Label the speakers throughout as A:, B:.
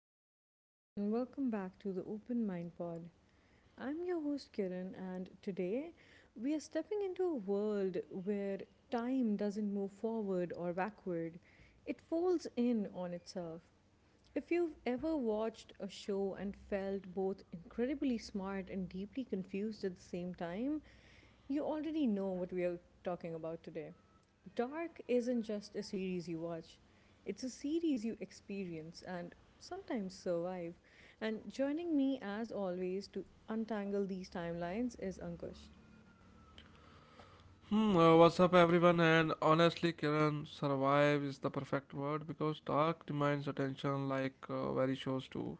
A: everyone, and welcome back to the Open Mind Pod. I'm your host, Kiran, and today we are stepping into a world where time doesn't move forward or backward, it folds in on itself. If you've ever watched a show and felt both incredibly smart and deeply confused at the same time, you already know what we are talking about today. Dark isn't just a series you watch, it's a series you experience and sometimes survive. And joining me, as always, to untangle these timelines is Ankush.
B: What's up, everyone? And honestly, Kiran, survive is the perfect word because dark demands attention like very shows do.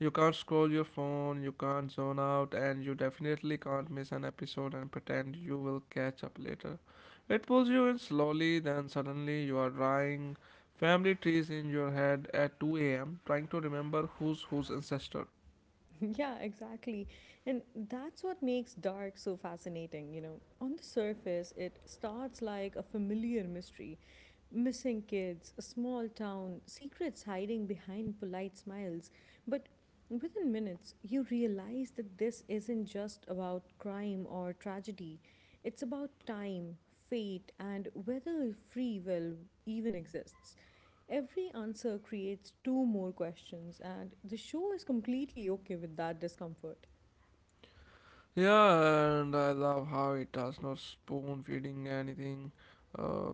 B: You can't scroll your phone, you can't zone out, and you definitely can't miss an episode and pretend you will catch up later. It pulls you in slowly, then suddenly you are drawing family trees in your head at 2 a.m., trying to remember who's whose ancestor.
A: Yeah, exactly. And that's what makes Dark so fascinating, you know. On the surface, it starts like a familiar mystery. Missing kids, a small town, secrets hiding behind polite smiles. But within minutes, you realize that this isn't just about crime or tragedy, it's about time, fate, and whether free will even exists. Every answer creates two more questions, and the show is completely okay with that discomfort.
B: Yeah, and I love how it does not spoon feeding anything. Uh,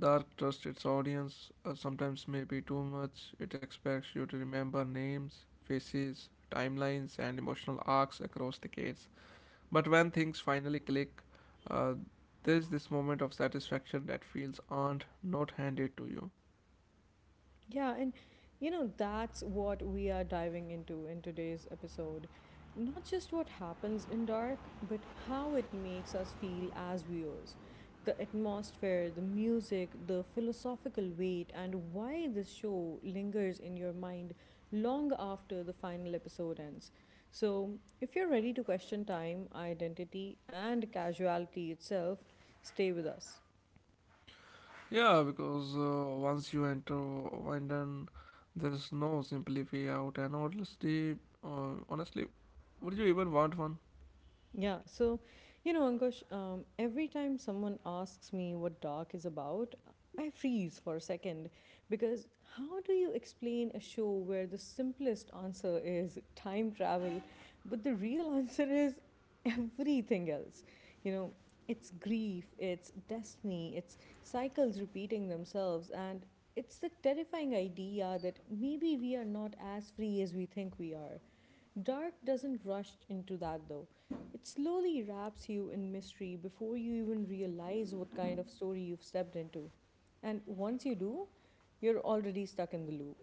B: Dark trusts its audience, sometimes maybe too much. It expects you to remember names, faces, timelines, and emotional arcs across decades. But when things finally click, uh, there's this moment of satisfaction that feels earned, not handed to you.
A: Yeah, and you know, that's what we are diving into in today's episode. Not just what happens in dark, but how it makes us feel as viewers. The atmosphere, the music, the philosophical weight, and why this show lingers in your mind long after the final episode ends. So, if you're ready to question time, identity, and casuality itself, stay with us.
B: Yeah, because once you enter Windon, there's no simply way out, and honestly, would you even want one?
A: Yeah, so you know, Ankush, every time someone asks me what dark is about, I freeze for a second because how do you explain a show where the simplest answer is time travel, but the real answer is everything else? You know, it's grief, it's destiny, it's cycles repeating themselves, and it's the terrifying idea that maybe we are not as free as we think we are. Dark doesn't rush into that though. It slowly wraps you in mystery before you even realize what kind of story you've stepped into. And once you do, you're already stuck in the loop.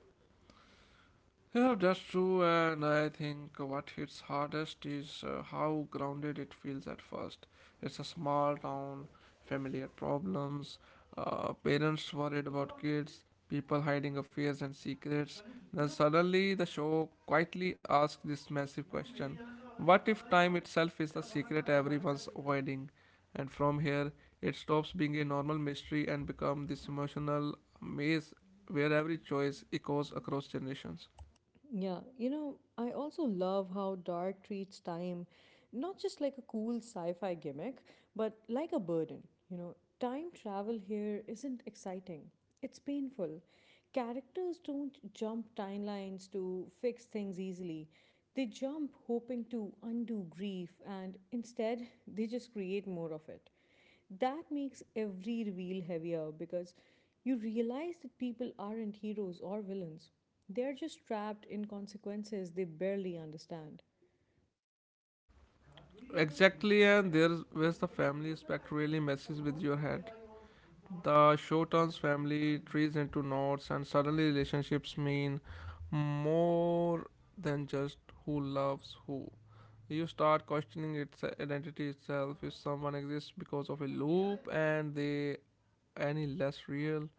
B: Yeah, that's true, and I think what hits hardest is how grounded it feels at first. It's a small town, familiar problems, parents worried about kids, people hiding affairs and secrets. Then suddenly, the show quietly asks this massive question. What if time itself is the secret everyone's avoiding? And from here, it stops being a normal mystery and becomes this emotional maze where every choice echoes across generations.
A: Yeah, you know, I also love how Dark treats time not just like a cool sci fi gimmick, but like a burden. You know, time travel here isn't exciting, it's painful. Characters don't jump timelines to fix things easily. They jump hoping to undo grief and instead they just create more of it. That makes every reveal heavier because you realize that people aren't heroes or villains. They're just trapped in consequences they barely understand.
B: Exactly, and there's where's the family aspect really messes with your head. The show turns family trees into knots, and suddenly relationships mean more than just who loves who. You start questioning its identity itself if someone exists because of a loop and they any less real.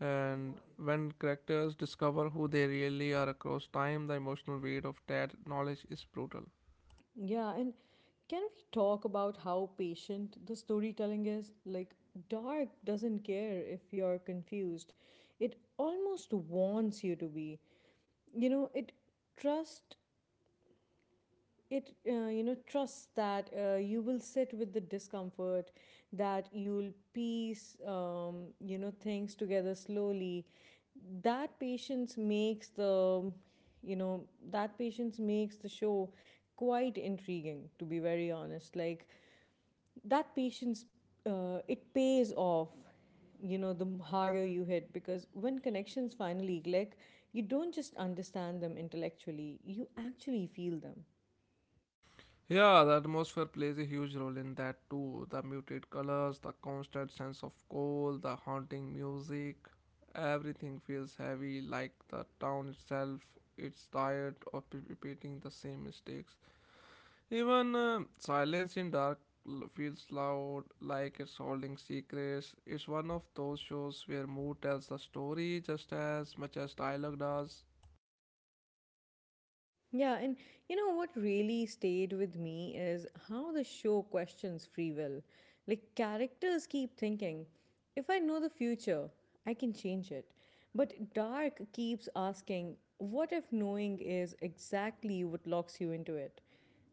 B: And when characters discover who they really are across time, the emotional weight of that knowledge is brutal.
A: Yeah, and can we talk about how patient the storytelling is? Like, Dark doesn't care if you're confused. It almost wants you to be. You know, trusts it trusts that you will sit with the discomfort that you'll piece things together slowly that patience makes the you know that patience makes the show quite intriguing to be very honest, like that patience it pays off, you know, the harder you hit, because when connections finally click you don't just understand them intellectually, you actually feel them.
B: Yeah, the atmosphere plays a huge role in that too. The muted colors, the constant sense of cold, the haunting music. Everything feels heavy, like the town itself. It's tired of repeating the same mistakes. Even silence in dark feels loud, like it's holding secrets. It's one of those shows where mood tells the story just as much as dialogue does.
A: Yeah, and you know what really stayed with me is how the show questions free will. Like, characters keep thinking, if I know the future, I can change it. But Dark keeps asking, what if knowing is exactly what locks you into it?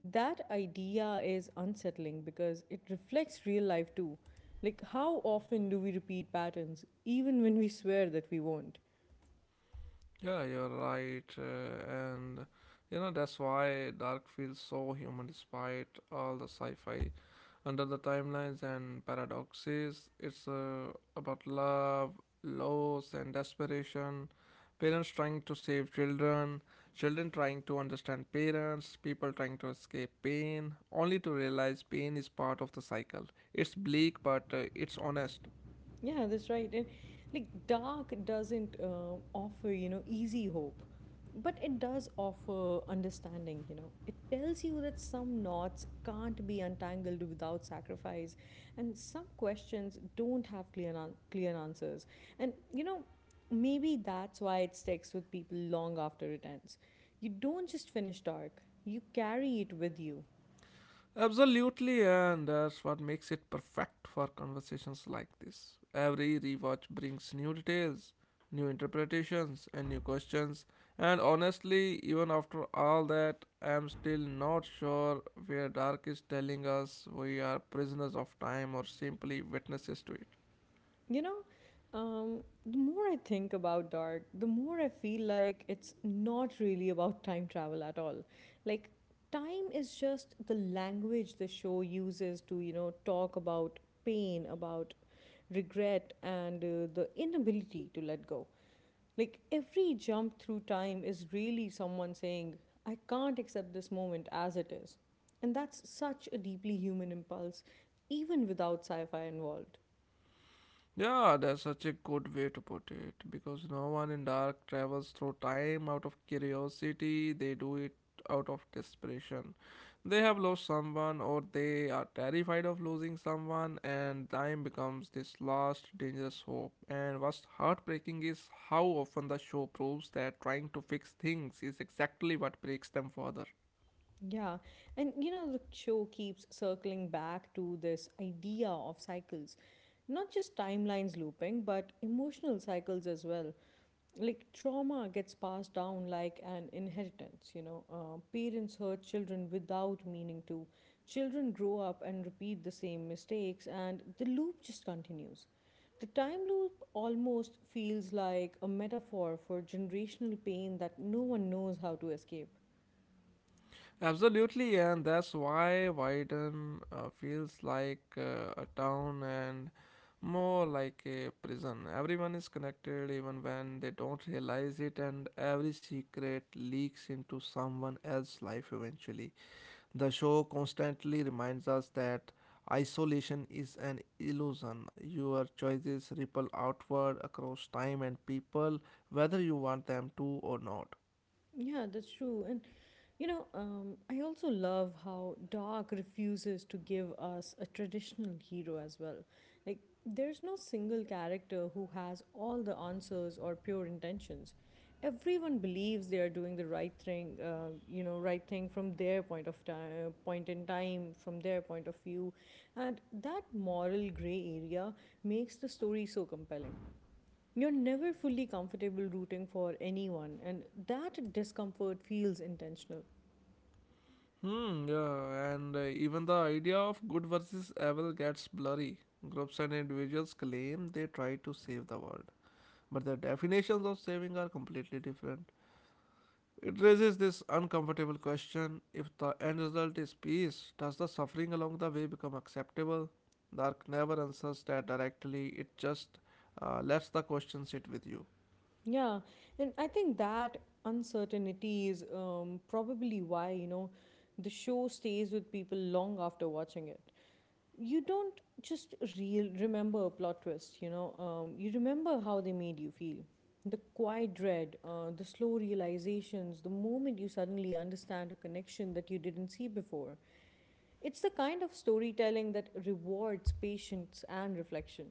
A: That idea is unsettling because it reflects real life too. Like, how often do we repeat patterns, even when we swear that we won't?
B: Yeah, you're right. And you know, that's why Dark feels so human despite all the sci fi. Under the timelines and paradoxes, it's about love, loss, and desperation. Parents trying to save children, children trying to understand parents, people trying to escape pain, only to realize pain is part of the cycle. It's bleak, but it's honest.
A: Yeah, that's right. And like dark doesn't offer, you know, easy hope, but it does offer understanding, you know. It tells you that some knots can't be untangled without sacrifice, and some questions don't have clear answers. And, you know, maybe that's why it sticks with people long after it ends. You don't just finish dark, you carry it with you.
B: Absolutely, and that's what makes it perfect for conversations like this. Every rewatch brings new details, new interpretations, and new questions. And honestly, even after all that, I'm still not sure where Dark is telling us we are prisoners of time or simply witnesses to it.
A: You know, the more I think about Dark, the more I feel like it's not really about time travel at all. Like, time is just the language the show uses to, you know, talk about pain, about regret, and the inability to let go. Like, every jump through time is really someone saying, I can't accept this moment as it is. And that's such a deeply human impulse, even without sci fi involved.
B: Yeah, that's such a good way to put it because no one in dark travels through time out of curiosity, they do it out of desperation. They have lost someone or they are terrified of losing someone, and time becomes this last dangerous hope. And what's heartbreaking is how often the show proves that trying to fix things is exactly what breaks them further.
A: Yeah, and you know, the show keeps circling back to this idea of cycles. Not just timelines looping, but emotional cycles as well. Like trauma gets passed down like an inheritance, you know. Parents hurt children without meaning to. Children grow up and repeat the same mistakes, and the loop just continues. The time loop almost feels like a metaphor for generational pain that no one knows how to escape.
B: Absolutely, and that's why Wyden feels like a town and more like a prison. Everyone is connected even when they don't realize it, and every secret leaks into someone else's life eventually. The show constantly reminds us that isolation is an illusion. Your choices ripple outward across time and people, whether you want them to or not.
A: Yeah, that's true. And you know, I also love how Dark refuses to give us a traditional hero as well. Like, there's no single character who has all the answers or pure intentions. Everyone believes they are doing the right thing, you know, right thing from their point of time, point in time, from their point of view, and that moral gray area makes the story so compelling. You're never fully comfortable rooting for anyone, and that discomfort feels intentional.
B: Hmm, yeah, and even the idea of good versus evil gets blurry. Groups and individuals claim they try to save the world, but their definitions of saving are completely different. It raises this uncomfortable question if the end result is peace, does the suffering along the way become acceptable? Dark never answers that directly, it just lets the question sit with you.
A: Yeah, and I think that uncertainty is probably why, you know, the show stays with people long after watching it. You don't just real remember a plot twist, you know, you remember how they made you feel. The quiet dread, the slow realizations, the moment you suddenly understand a connection that you didn't see before. It's the kind of storytelling that rewards patience and reflection.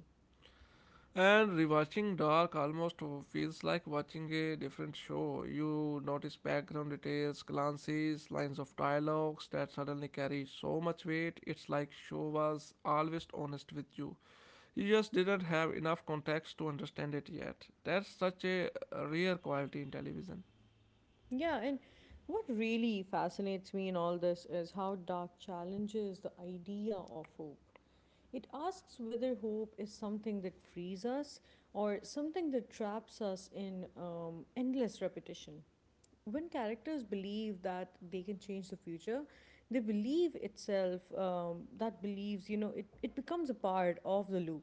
B: And rewatching Dark almost feels like watching a different show. You notice background details, glances, lines of dialogues that suddenly carry so much weight. It's like show was always honest with you. You just didn't have enough context to understand it yet. That's such a rare quality in television.
A: Yeah, and what really fascinates me in all this is how Dark challenges the idea of hope. It asks whether hope is something that frees us or something that traps us in endless repetition. When characters believe that they can change the future, they believe itself, that believes, you know, it becomes a part of the loop.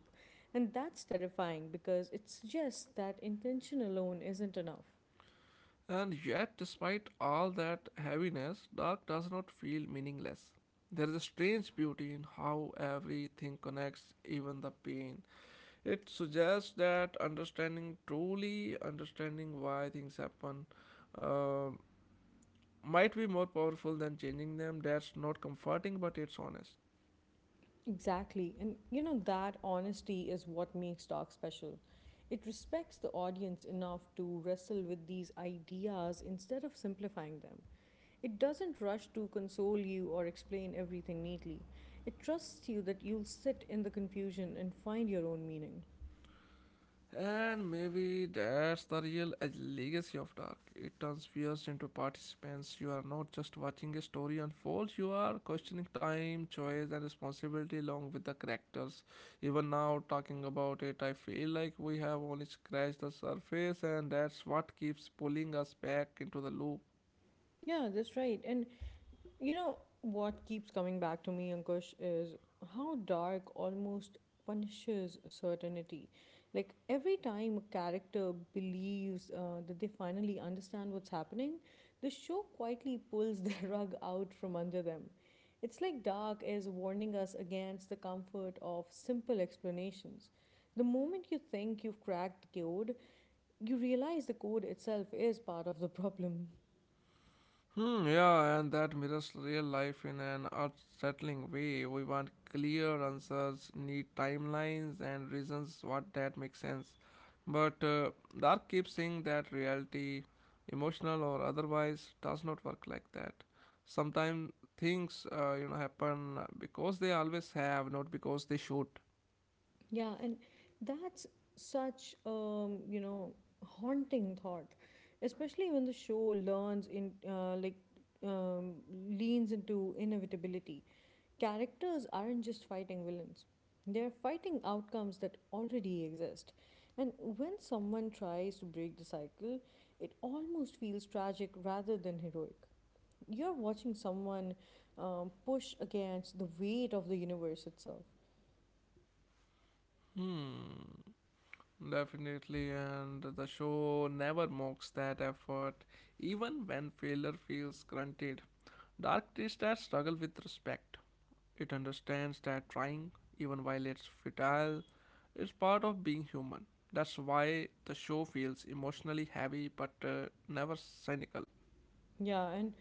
A: And that's terrifying because it suggests that intention alone isn't enough.
B: And yet, despite all that heaviness, Dark does not feel meaningless. There is a strange beauty in how everything connects, even the pain. It suggests that understanding truly understanding why things happen uh, might be more powerful than changing them. That's not comforting, but it's honest.
A: Exactly. And you know, that honesty is what makes Dark special. It respects the audience enough to wrestle with these ideas instead of simplifying them. It doesn't rush to console you or explain everything neatly. It trusts you that you'll sit in the confusion and find your own meaning.
B: And maybe that's the real legacy of Dark. It turns viewers into participants. You are not just watching a story unfold, you are questioning time, choice, and responsibility along with the characters. Even now, talking about it, I feel like we have only scratched the surface, and that's what keeps pulling us back into the loop.
A: Yeah, that's right. And you know, what keeps coming back to me, Ankush, is how dark almost punishes certainty. Like, every time a character believes that they finally understand what's happening, the show quietly pulls the rug out from under them. It's like Dark is warning us against the comfort of simple explanations. The moment you think you've cracked the code, you realize the code itself is part of the problem.
B: Hmm, yeah, and that mirrors real life in an unsettling way. We want clear answers, need timelines and reasons what that makes sense. But Dark keeps saying that reality, emotional or otherwise, does not work like that. Sometimes things happen because they always have, not because they should.
A: Yeah, and that's such you know, haunting thought, especially when the show learns in like um, leans into inevitability. Characters aren't just fighting villains; they're fighting outcomes that already exist. And when someone tries to break the cycle, it almost feels tragic rather than heroic. You're watching someone push against the weight of the universe itself.
B: Hmm. Definitely, and the show never mocks that effort, even when failure feels grunted. Dark treats that struggle with respect. It understands that trying, even while it's futile, is part of being human. That's why the show feels emotionally heavy but never cynical.
A: Yeah, and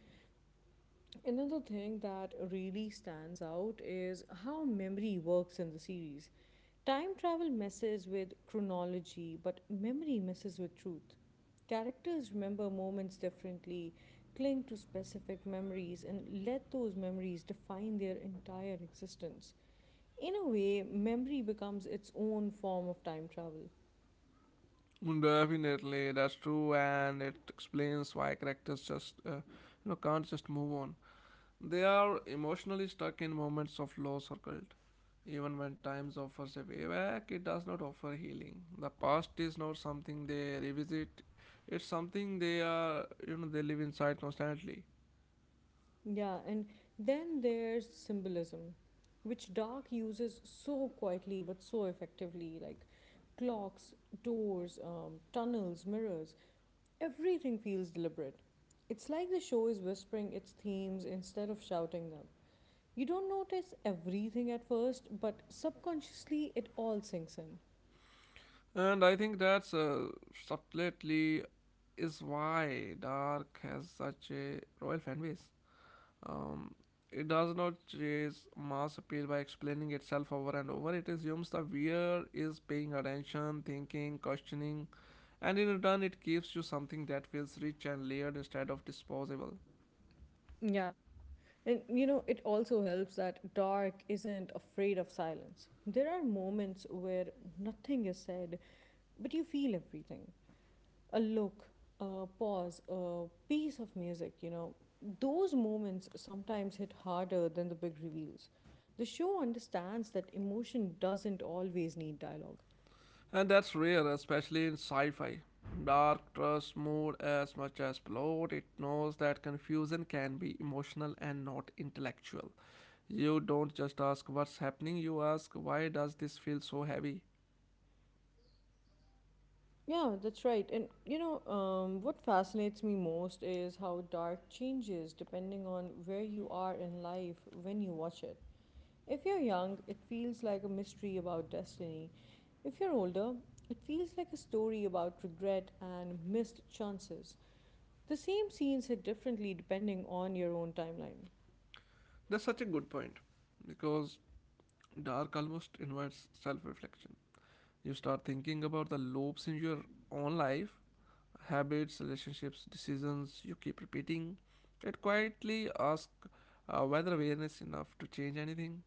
A: another thing that really stands out is how memory works in the series. Time travel messes with chronology, but memory messes with truth. Characters remember moments differently, cling to specific memories, and let those memories define their entire existence. In a way, memory becomes its own form of time travel.
B: Definitely, that's true, and it explains why characters just you know can't just move on. They are emotionally stuck in moments of loss or guilt. Even when times offers a way back, it does not offer healing. The past is not something they revisit; it's something they are, you know, they live inside constantly.
A: Yeah, and then there's symbolism, which Dark uses so quietly but so effectively, like clocks, doors, tunnels, mirrors. Everything feels deliberate. It's like the show is whispering its themes instead of shouting them. You don't notice everything at first, but subconsciously it all sinks in.
B: And I think that's subtly is why Dark has such a royal fan base. Um, it does not chase mass appeal by explaining itself over and over. It assumes the viewer is paying attention, thinking, questioning, and in return it gives you something that feels rich and layered instead of disposable.
A: Yeah, and you know, it also helps that Dark isn't afraid of silence. There are moments where nothing is said, but you feel everything, a look, a pause, a piece of music, you know. Those moments sometimes hit harder than the big reveals. The show understands that emotion doesn't always need dialogue.
B: And that's rare, especially in sci fi. Dark trusts more as much as plot, it knows that confusion can be emotional and not intellectual. You don't just ask what's happening, you ask why does this feel so heavy.
A: Yeah, that's right. And you know, what fascinates me most is how dark changes depending on where you are in life when you watch it. If you're young, it feels like a mystery about destiny. If you're older, it feels like a story about regret and missed chances. The same scenes hit differently depending on your own timeline.
B: That's such a good point because dark almost invites self reflection. You start thinking about the loops in your own life habits, relationships, decisions you keep repeating. It quietly asks whether awareness enough to change anything,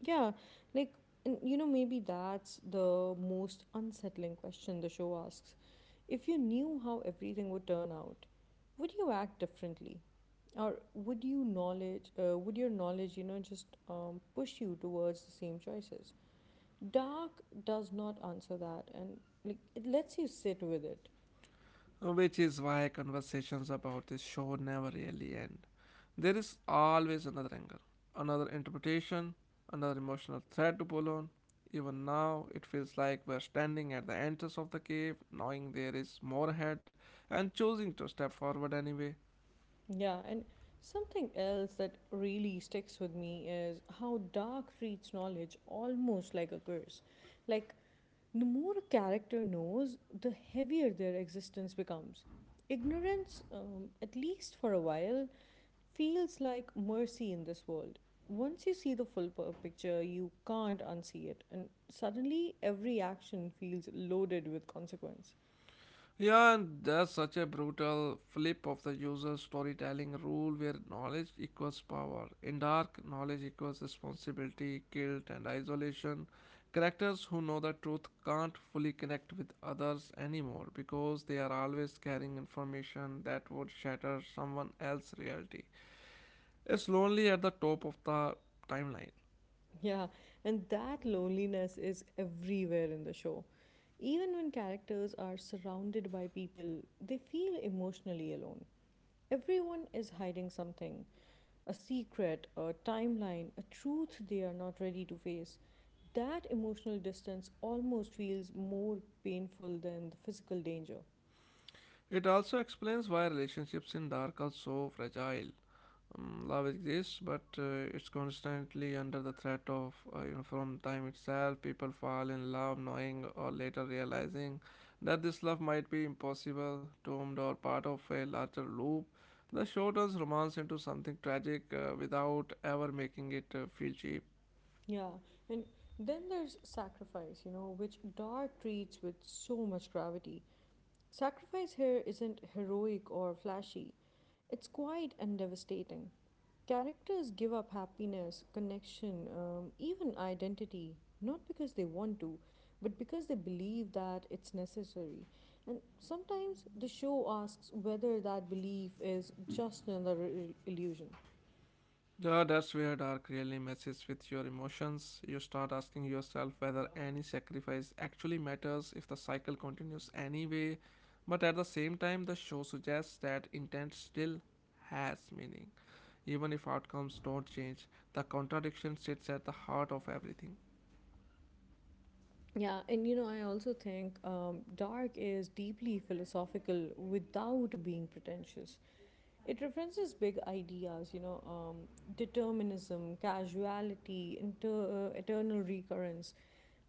A: Yeah, like, and you know, maybe that's the most unsettling question the show asks. If you knew how everything would turn out, would you act differently? Or would your knowledge, you know, just push you towards the same choices? Dark does not answer that, and like it lets you sit with it.
B: which is why conversations about this show never really end. There is always another angle, another interpretation, another emotional thread to pull on. Even now, it feels like we're standing at the entrance of the cave, knowing there is more ahead, and choosing to step forward anyway.
A: Yeah, and something else that really sticks with me is how dark treats knowledge almost like a curse. Like, the more a character knows, the heavier their existence becomes. Ignorance, at least for a while, feels like mercy in this world. Once you see the full picture, you can't unsee it, and suddenly every action feels loaded with consequence.
B: Yeah, and there's such a brutal flip of the user storytelling rule where knowledge equals power. In Dark, knowledge equals responsibility, guilt, and isolation. Characters who know the truth can't fully connect with others anymore because they are always carrying information that would shatter someone else's reality. It's lonely at the top of the timeline.
A: Yeah, and that loneliness is everywhere in the show. Even when characters are surrounded by people, they feel emotionally alone. Everyone is hiding something a secret, a timeline, a truth they are not ready to face. That emotional distance almost feels more painful than the physical danger.
B: It also explains why relationships in Dark are so fragile. Love exists, but it's constantly under the threat of, from time itself. People fall in love, knowing or later realizing that this love might be impossible, doomed, or part of a larger loop. The show turns romance into something tragic without ever making it feel cheap.
A: Yeah, and then there's sacrifice, you know, which Dart treats with so much gravity. Sacrifice here isn't heroic or flashy, it's quiet and devastating. Characters give up happiness, connection, even identity, not because they want to, but because they believe that it's necessary. And sometimes the show asks whether that belief is just another illusion.
B: Yeah, that's where dark really messes with your emotions. You start asking yourself whether any sacrifice actually matters if the cycle continues anyway. But at the same time, the show suggests that intent still has meaning. Even if outcomes don't change, the contradiction sits at the heart of everything.
A: Yeah, and you know, I also think dark is deeply philosophical without being pretentious. It references big ideas, you know, determinism, casuality, eternal recurrence,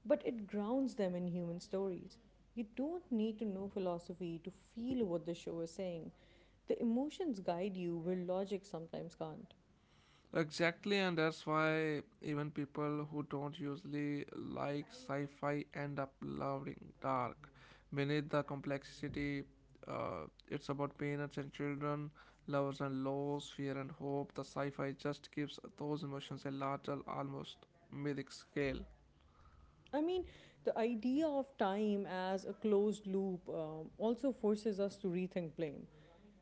A: but it grounds them in human stories. You don't need to know philosophy to feel what the show is saying. The emotions guide you where logic sometimes can't.
B: Exactly, and that's why even people who don't usually like sci fi end up loving Dark. Beneath the complexity, it's about parents and children, lovers and loss, fear and hope. The sci fi just gives those emotions a larger, almost mythic scale.
A: I mean, the idea of time as a closed loop also forces us to rethink blame.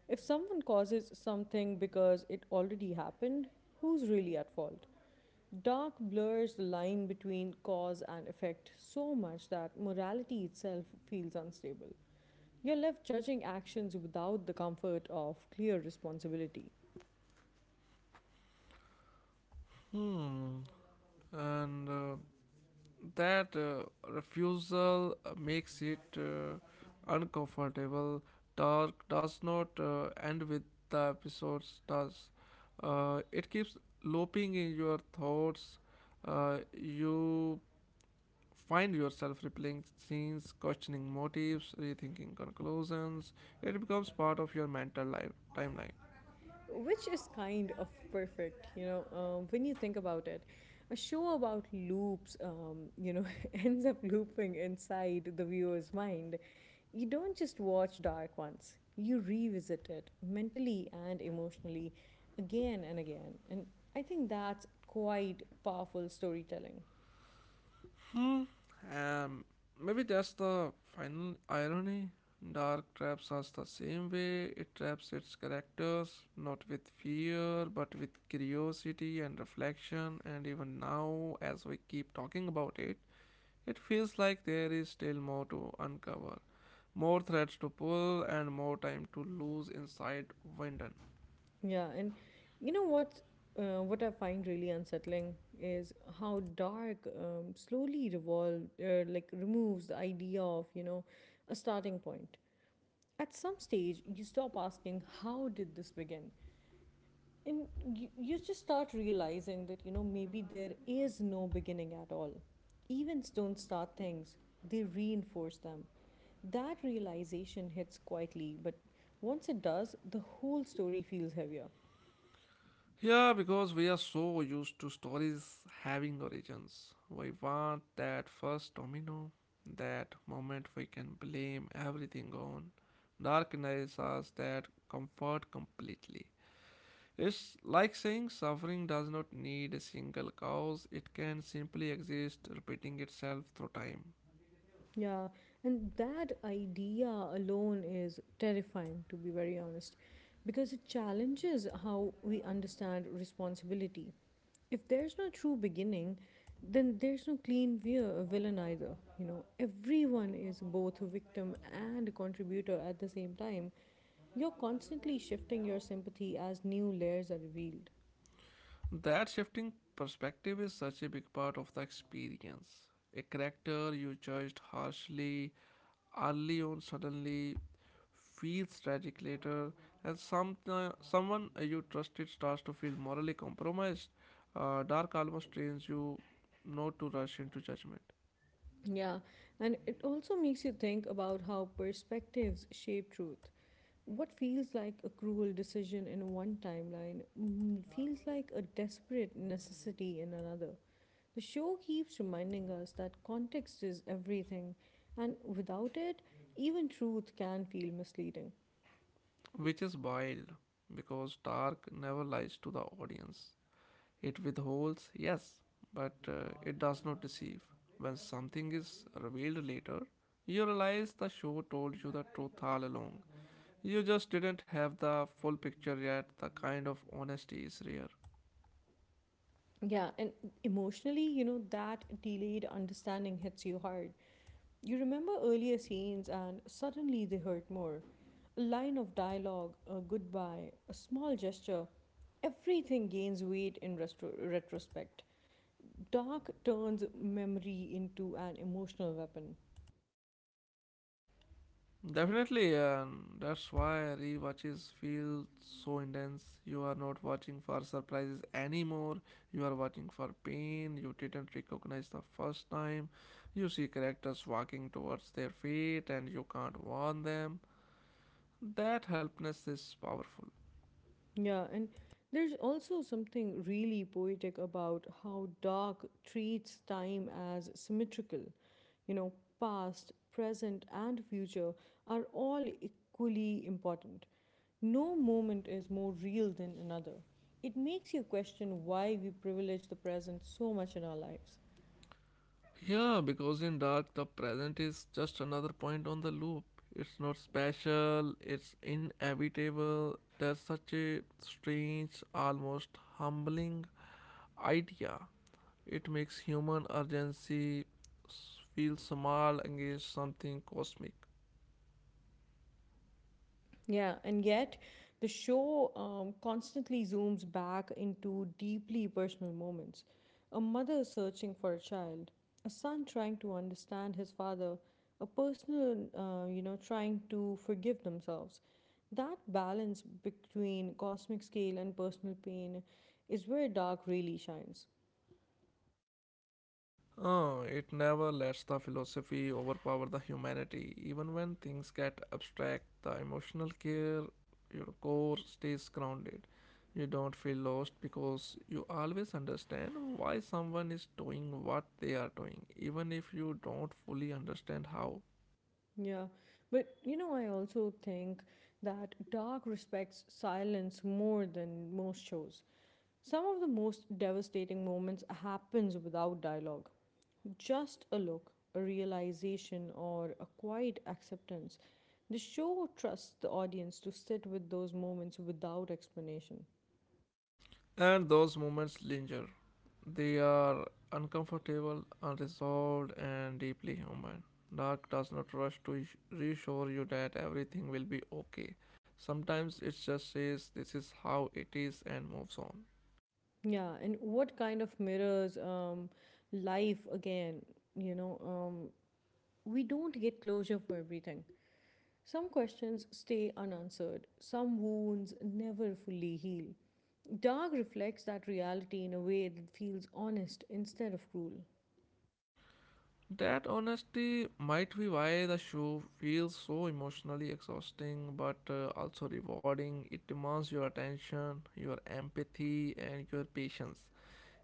A: If someone causes something because it already happened, who's really at fault? Dark blurs the line between cause and effect so much that morality itself feels unstable. You're left judging actions without the comfort of clear responsibility.
B: Hmm. And that refusal makes it uncomfortable. Dark does not end with the episodes, does it keeps looping in your thoughts. You find yourself replaying scenes, questioning motives, rethinking conclusions. It becomes part of your mental life timeline.
A: Which is kind of perfect, you know, when you think about it. A show about loops, ends up looping inside the viewer's mind. You don't just watch Dark once, you revisit it mentally and emotionally again and again. And I think that's quite powerful storytelling.
B: Mm, um, Maybe that's the final irony. Dark traps us the same way. It traps its characters not with fear but with curiosity and reflection. And even now, as we keep talking about it, it feels like there is still more to uncover, more threads to pull, and more time to lose inside Winden.
A: Yeah, and you know what? What I find really unsettling is how dark slowly revolve, like removes the idea of a starting point. At some stage, you stop asking how did this begin, and you just start realizing that you know maybe there is no beginning at all. Events don't start things; they reinforce them. That realization hits quietly, but once it does, the whole story feels heavier.
B: Yeah, because we are so used to stories having origins. We want that first domino, that moment we can blame everything on. Dark denies us that comfort completely. It's like saying suffering does not need a single cause, it can simply exist, repeating itself through time.
A: Yeah, and that idea alone is terrifying, to be very honest, because it challenges how we understand responsibility. If there's no true beginning, then there's no clean villain either. You know, everyone is both a victim and a contributor at the same time. You're constantly shifting your sympathy as new layers are revealed.
B: That shifting perspective is such a big part of the experience. A character you judged harshly early on suddenly feels tragic later, and someone you trusted starts to feel morally compromised. Dark almost trains you not to rush into judgment,
A: Yeah, and it also makes you think about how perspectives shape truth. What feels like a cruel decision in one timeline feels like a desperate necessity in another. The show keeps reminding us that context is everything, and without it, even truth can feel misleading.
B: which is wild because Dark never lies to the audience. It withholds, yes, but it does not deceive. When something is revealed later, you realize the show told you the truth all along. You just didn't have the full picture yet. The kind of honesty is rare.
A: Yeah, and emotionally, you know, that delayed understanding hits you hard. You remember earlier scenes and suddenly they hurt more. A line of dialogue, a goodbye, a small gesture, everything gains weight in retrospect. Dark turns memory into an emotional weapon.
B: Definitely, and that's why rewatches feel so intense. You are not watching for surprises anymore. You are watching for pain you didn't recognize the first time. You see characters walking towards their fate and you can't warn them. That helpness is powerful.
A: Yeah, and there's also something really poetic about how Dark treats time as symmetrical. You know, past, present, and future are all equally important. No moment is more real than another. It makes you question why we privilege the present so much in our lives.
B: Yeah, because in dark, the present is just another point on the loop. It's not special, it's inevitable. There's such a strange, almost humbling idea. It makes human feel small against something cosmic.
A: Yeah, and yet the show constantly zooms back into deeply personal moments. A mother searching for a child, a son trying to understand his father, a personal, you know, trying to forgive themselves. That balance between cosmic scale and personal pain is where dark really shines.
B: Oh, it never lets the philosophy overpower the humanity. Even when things get abstract, the emotional care, your core stays grounded. You don't feel lost because you always understand why someone is doing what they are doing, even if you don't fully understand how.
A: Yeah, but you know, I also think that dark respects silence more than most shows. Some of the most devastating moments happens without dialogue. Just a look, a realization or a quiet acceptance. The show trusts the audience to sit with those moments without explanation.
B: And those moments linger. They are uncomfortable, unresolved, and deeply human. Dark does not rush to reassure you that everything will be okay. Sometimes it just says this is how it is and moves on.
A: Yeah, and what kind of mirrors life again, you know, we don't get closure for everything. Some questions stay unanswered, some wounds never fully heal. Dark reflects that reality in a way that feels honest instead of cruel.
B: That honesty might be why the show feels so emotionally exhausting but also rewarding. It demands your attention, your empathy, and your patience.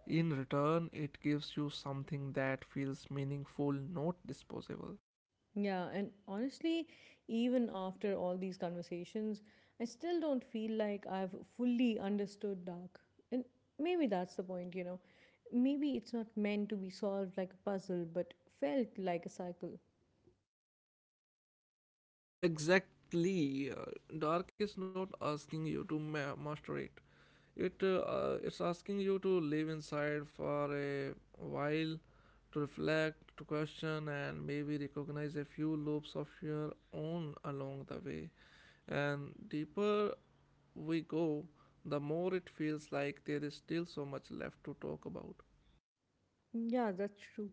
B: In return, it gives you something that feels meaningful, not disposable.
A: Yeah, and honestly, even after all these conversations, I still don't feel like I've fully understood Dark. And maybe that's the point, you know. Maybe it's not meant to be solved like a puzzle, but felt like a cycle.
B: Exactly. Dark is not asking you to master it. It's asking you to live inside for a while, to reflect, to question, and maybe recognize a few loops of your own along the way. And deeper we go, the more it feels like there is still so much left to talk about.
A: Yeah, that's true.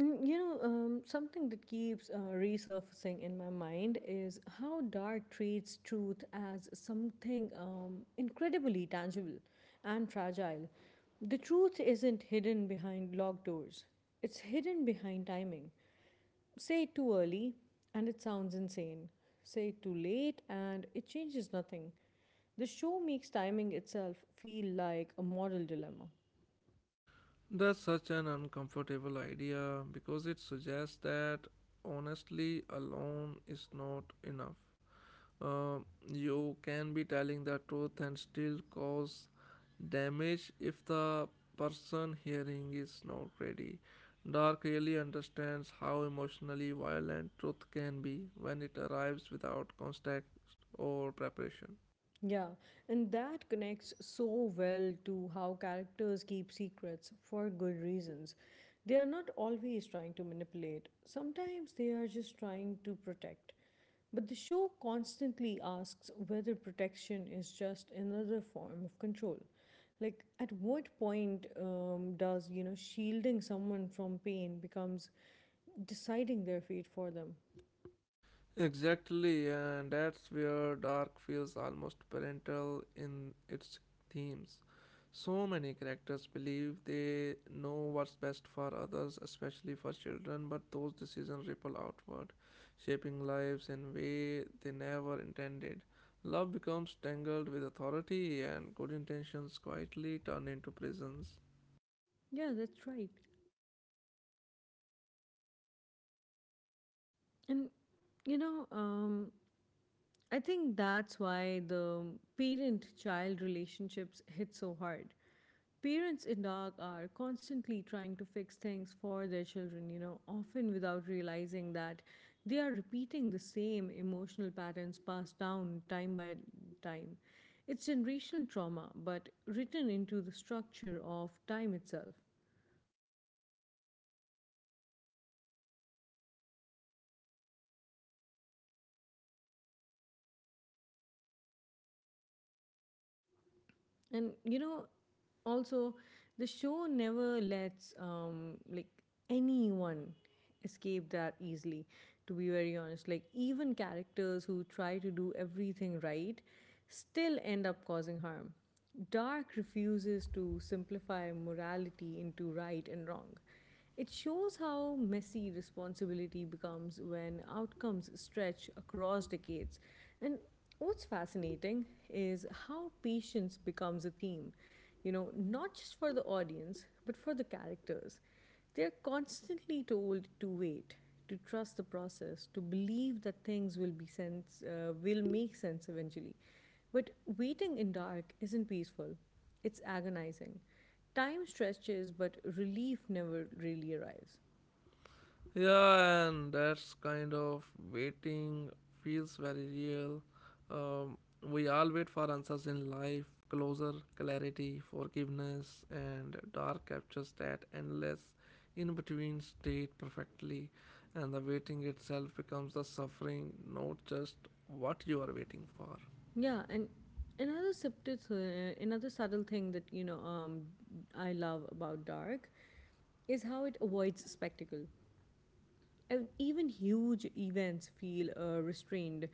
A: You know, something that keeps resurfacing in my mind is how dark treats truth as something incredibly tangible and fragile. The truth isn't hidden behind locked doors, it's hidden behind timing. Say it too early, and it sounds insane. Say it too late, and it changes nothing. The show makes timing itself feel like a moral dilemma.
B: That's such an uncomfortable idea because it suggests that honestly alone is not enough uh, you can be telling the truth and still cause damage if the person hearing is not ready. Dark really understands how emotionally violent truth can be when it arrives without context or preparation.
A: Yeah, and that connects so well to how characters keep secrets for good reasons. They are not always trying to manipulate, sometimes they are just trying to protect. But the show constantly asks whether protection is just another form of control. Like, at what point does, you know, shielding someone from pain becomes deciding their fate for them?
B: Exactly, and that's where Dark feels almost parental in its themes. So many characters believe they know what's best for others, especially for children, but those decisions ripple outward, shaping lives in way they never intended. Love becomes tangled with authority, and good intentions quietly turn into prisons.
A: Yeah, that's right. And you know, I think that's why the parent child relationships hit so hard. Parents in dog are constantly trying to fix things for their children, you know, often without realizing that they are repeating the same emotional patterns passed down time by time. It's generational trauma, but written into the structure of time itself. And, you know, also, the show never lets, anyone escape that easily. To be very honest. Like, even characters who try to do everything right still end up causing harm. Dark refuses to simplify morality into right and wrong. It shows how messy responsibility becomes when outcomes stretch across decades. And what's fascinating is how patience becomes a theme, you know, not just for the audience, but for the characters. They're constantly told to wait, to trust the process, to believe that things will be sense will make sense eventually. But waiting in dark isn't peaceful. It's agonizing. Time stretches, but relief never really arrives.
B: Yeah, and that's kind of waiting feels very real. Um, we all wait for answers in life, closure, clarity, forgiveness, and dark captures that endless in between state perfectly, and the waiting itself becomes the suffering, not just what you are waiting for.
A: Yeah, and another another subtle thing that you know I love about dark is how it avoids spectacle. And even huge events feel restrained,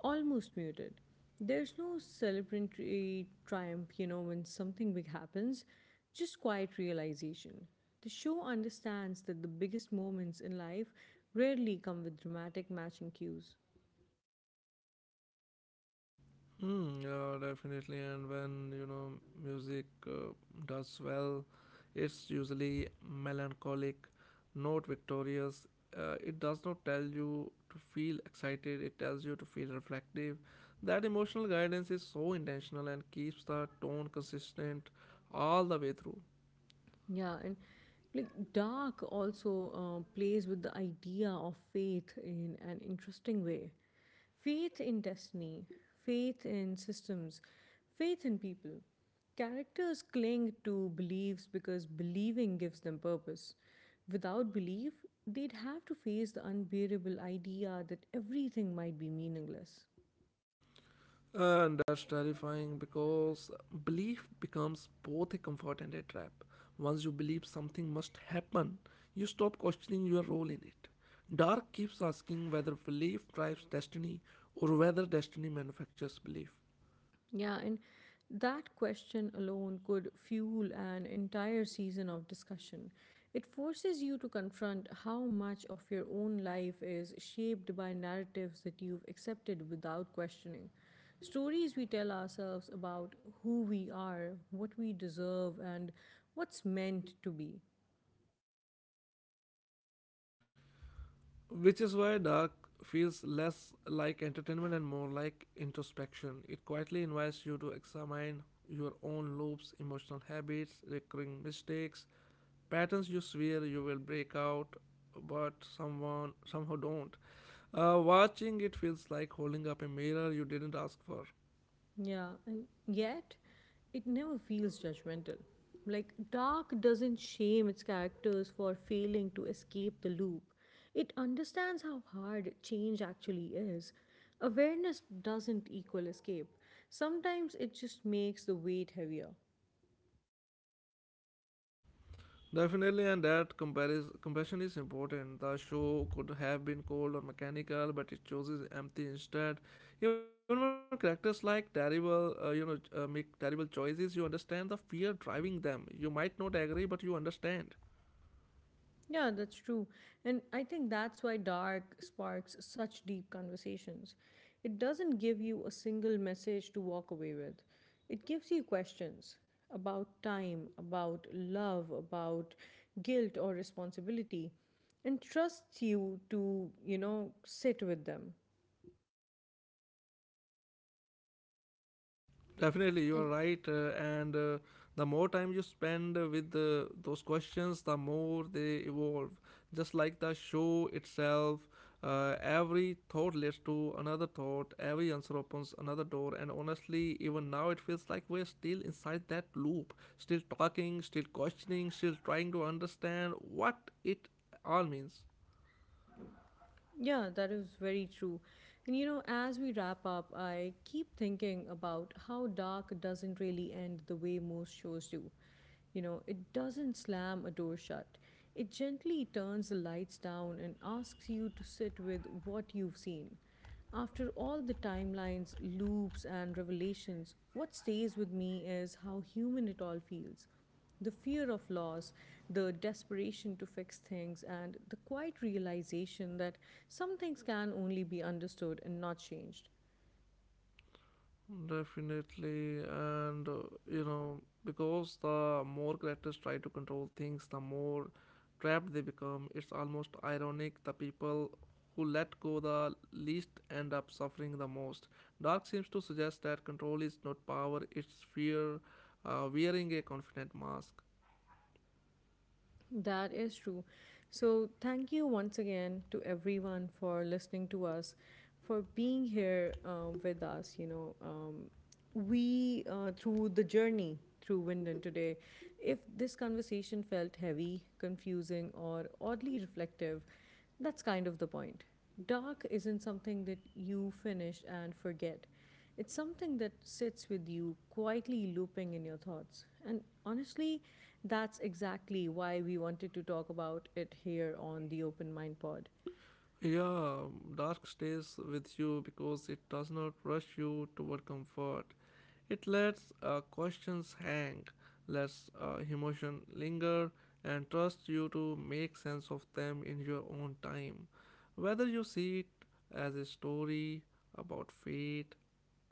A: almost muted. There's no celebratory triumph, you know, when something big happens, just quiet realization. The show understands that the biggest moments in life rarely come with dramatic matching cues.
B: Hmm. Yeah, definitely. And when you know music does well, it's usually melancholic, not victorious. It does not tell you to feel excited. It tells you to feel reflective. That emotional guidance is so intentional and keeps the tone consistent all the way through.
A: Yeah, and like dark also plays with the idea of faith in an interesting way. Faith in destiny, faith in systems, faith in people. Characters cling to beliefs because believing gives them purpose. Without belief, they'd have to face the unbearable idea that everything might be meaningless.
B: And that's terrifying because belief becomes both a comfort and a trap. Once you believe something must happen, you stop questioning your role in it. Dark keeps asking whether belief drives destiny or whether destiny manufactures belief.
A: Yeah, and that question alone could fuel an entire season of discussion. It forces you to confront how much of your own life is shaped by narratives that you've accepted without questioning. Stories we tell ourselves about who we are, what we deserve, and what's meant to be.
B: Which is why Dark feels less like entertainment and more like introspection. It quietly invites you to examine your own loops, emotional habits, recurring mistakes, patterns you swear you will break out but someone somehow don't. Watching it feels like holding up a mirror you didn't ask for.
A: Yeah, and yet it never feels judgmental. Like, Dark doesn't shame its characters for failing to escape the loop. It understands how hard change actually is. Awareness doesn't equal escape. Sometimes it just makes the weight heavier.
B: Definitely, and that compassion is important. The show could have been cold or mechanical, but it chooses empathy instead. Even when characters like terrible you know make terrible choices, you understand the fear driving them. You might not agree, but you understand.
A: Yeah, that's true. And I think that's why dark sparks such deep conversations. It doesn't give you a single message to walk away with, it gives you questions about time, about love, about guilt or responsibility, and trusts you to, you know, sit with them.
B: Definitely, you
A: And
B: are right. And The more time you spend with those questions, the more they evolve. Just like the show itself, every thought leads to another thought, every answer opens another door. And honestly, even now, it feels like we're still inside that loop, still talking, still questioning, still trying to understand what it all means.
A: Yeah, that is very true. And you know, as we wrap up, I keep thinking about how dark doesn't really end the way most shows do. You know, it doesn't slam a door shut, it gently turns the lights down and asks you to sit with what you've seen. After all the timelines, loops, and revelations, what stays with me is how human it all feels. The fear of loss, the desperation to fix things, and the quiet realization that some things can only be understood and not changed.
B: Definitely, and you know, because the more characters try to control things, the more trapped they become. It's almost ironic the people who let go the least end up suffering the most. Dark seems to suggest that control is not power, it's fear wearing a confident mask.
A: That is true. So, thank you once again to everyone for listening to us, for being here with us. You know, through the journey through Winden today, if this conversation felt heavy, confusing, or oddly reflective, that's kind of the point. Dark isn't something that you finish and forget. It's something that sits with you, quietly looping in your thoughts. And honestly, that's exactly why we wanted to talk about it here on the Open Mind Pod.
B: Yeah, dark stays with you because it does not rush you toward comfort. It lets questions hang, lets emotion linger, and trusts you to make sense of them in your own time. Whether you see it as a story about fate,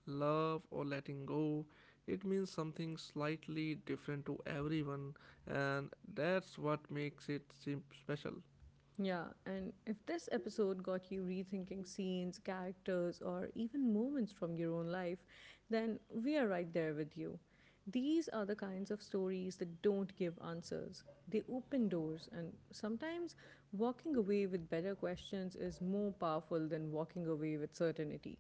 B: love, or letting go, it means something slightly different to everyone, and that's what makes it seem special.
A: Yeah, and if this episode got you rethinking scenes, characters, or even moments from your own life, then we are right there with you. These are the kinds of stories that don't give answers. They open doors, and sometimes walking away with better questions is more powerful than walking away with certainty.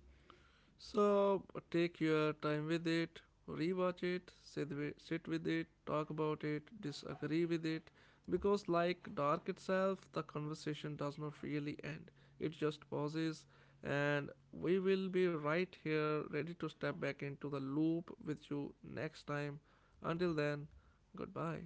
B: So take your time with it, rewatch it, sit with it, talk about it, disagree with it. Because, like Dark itself, the conversation does not really end, it just pauses, and we will be right here ready to step back into the loop with you next time. Until then, goodbye.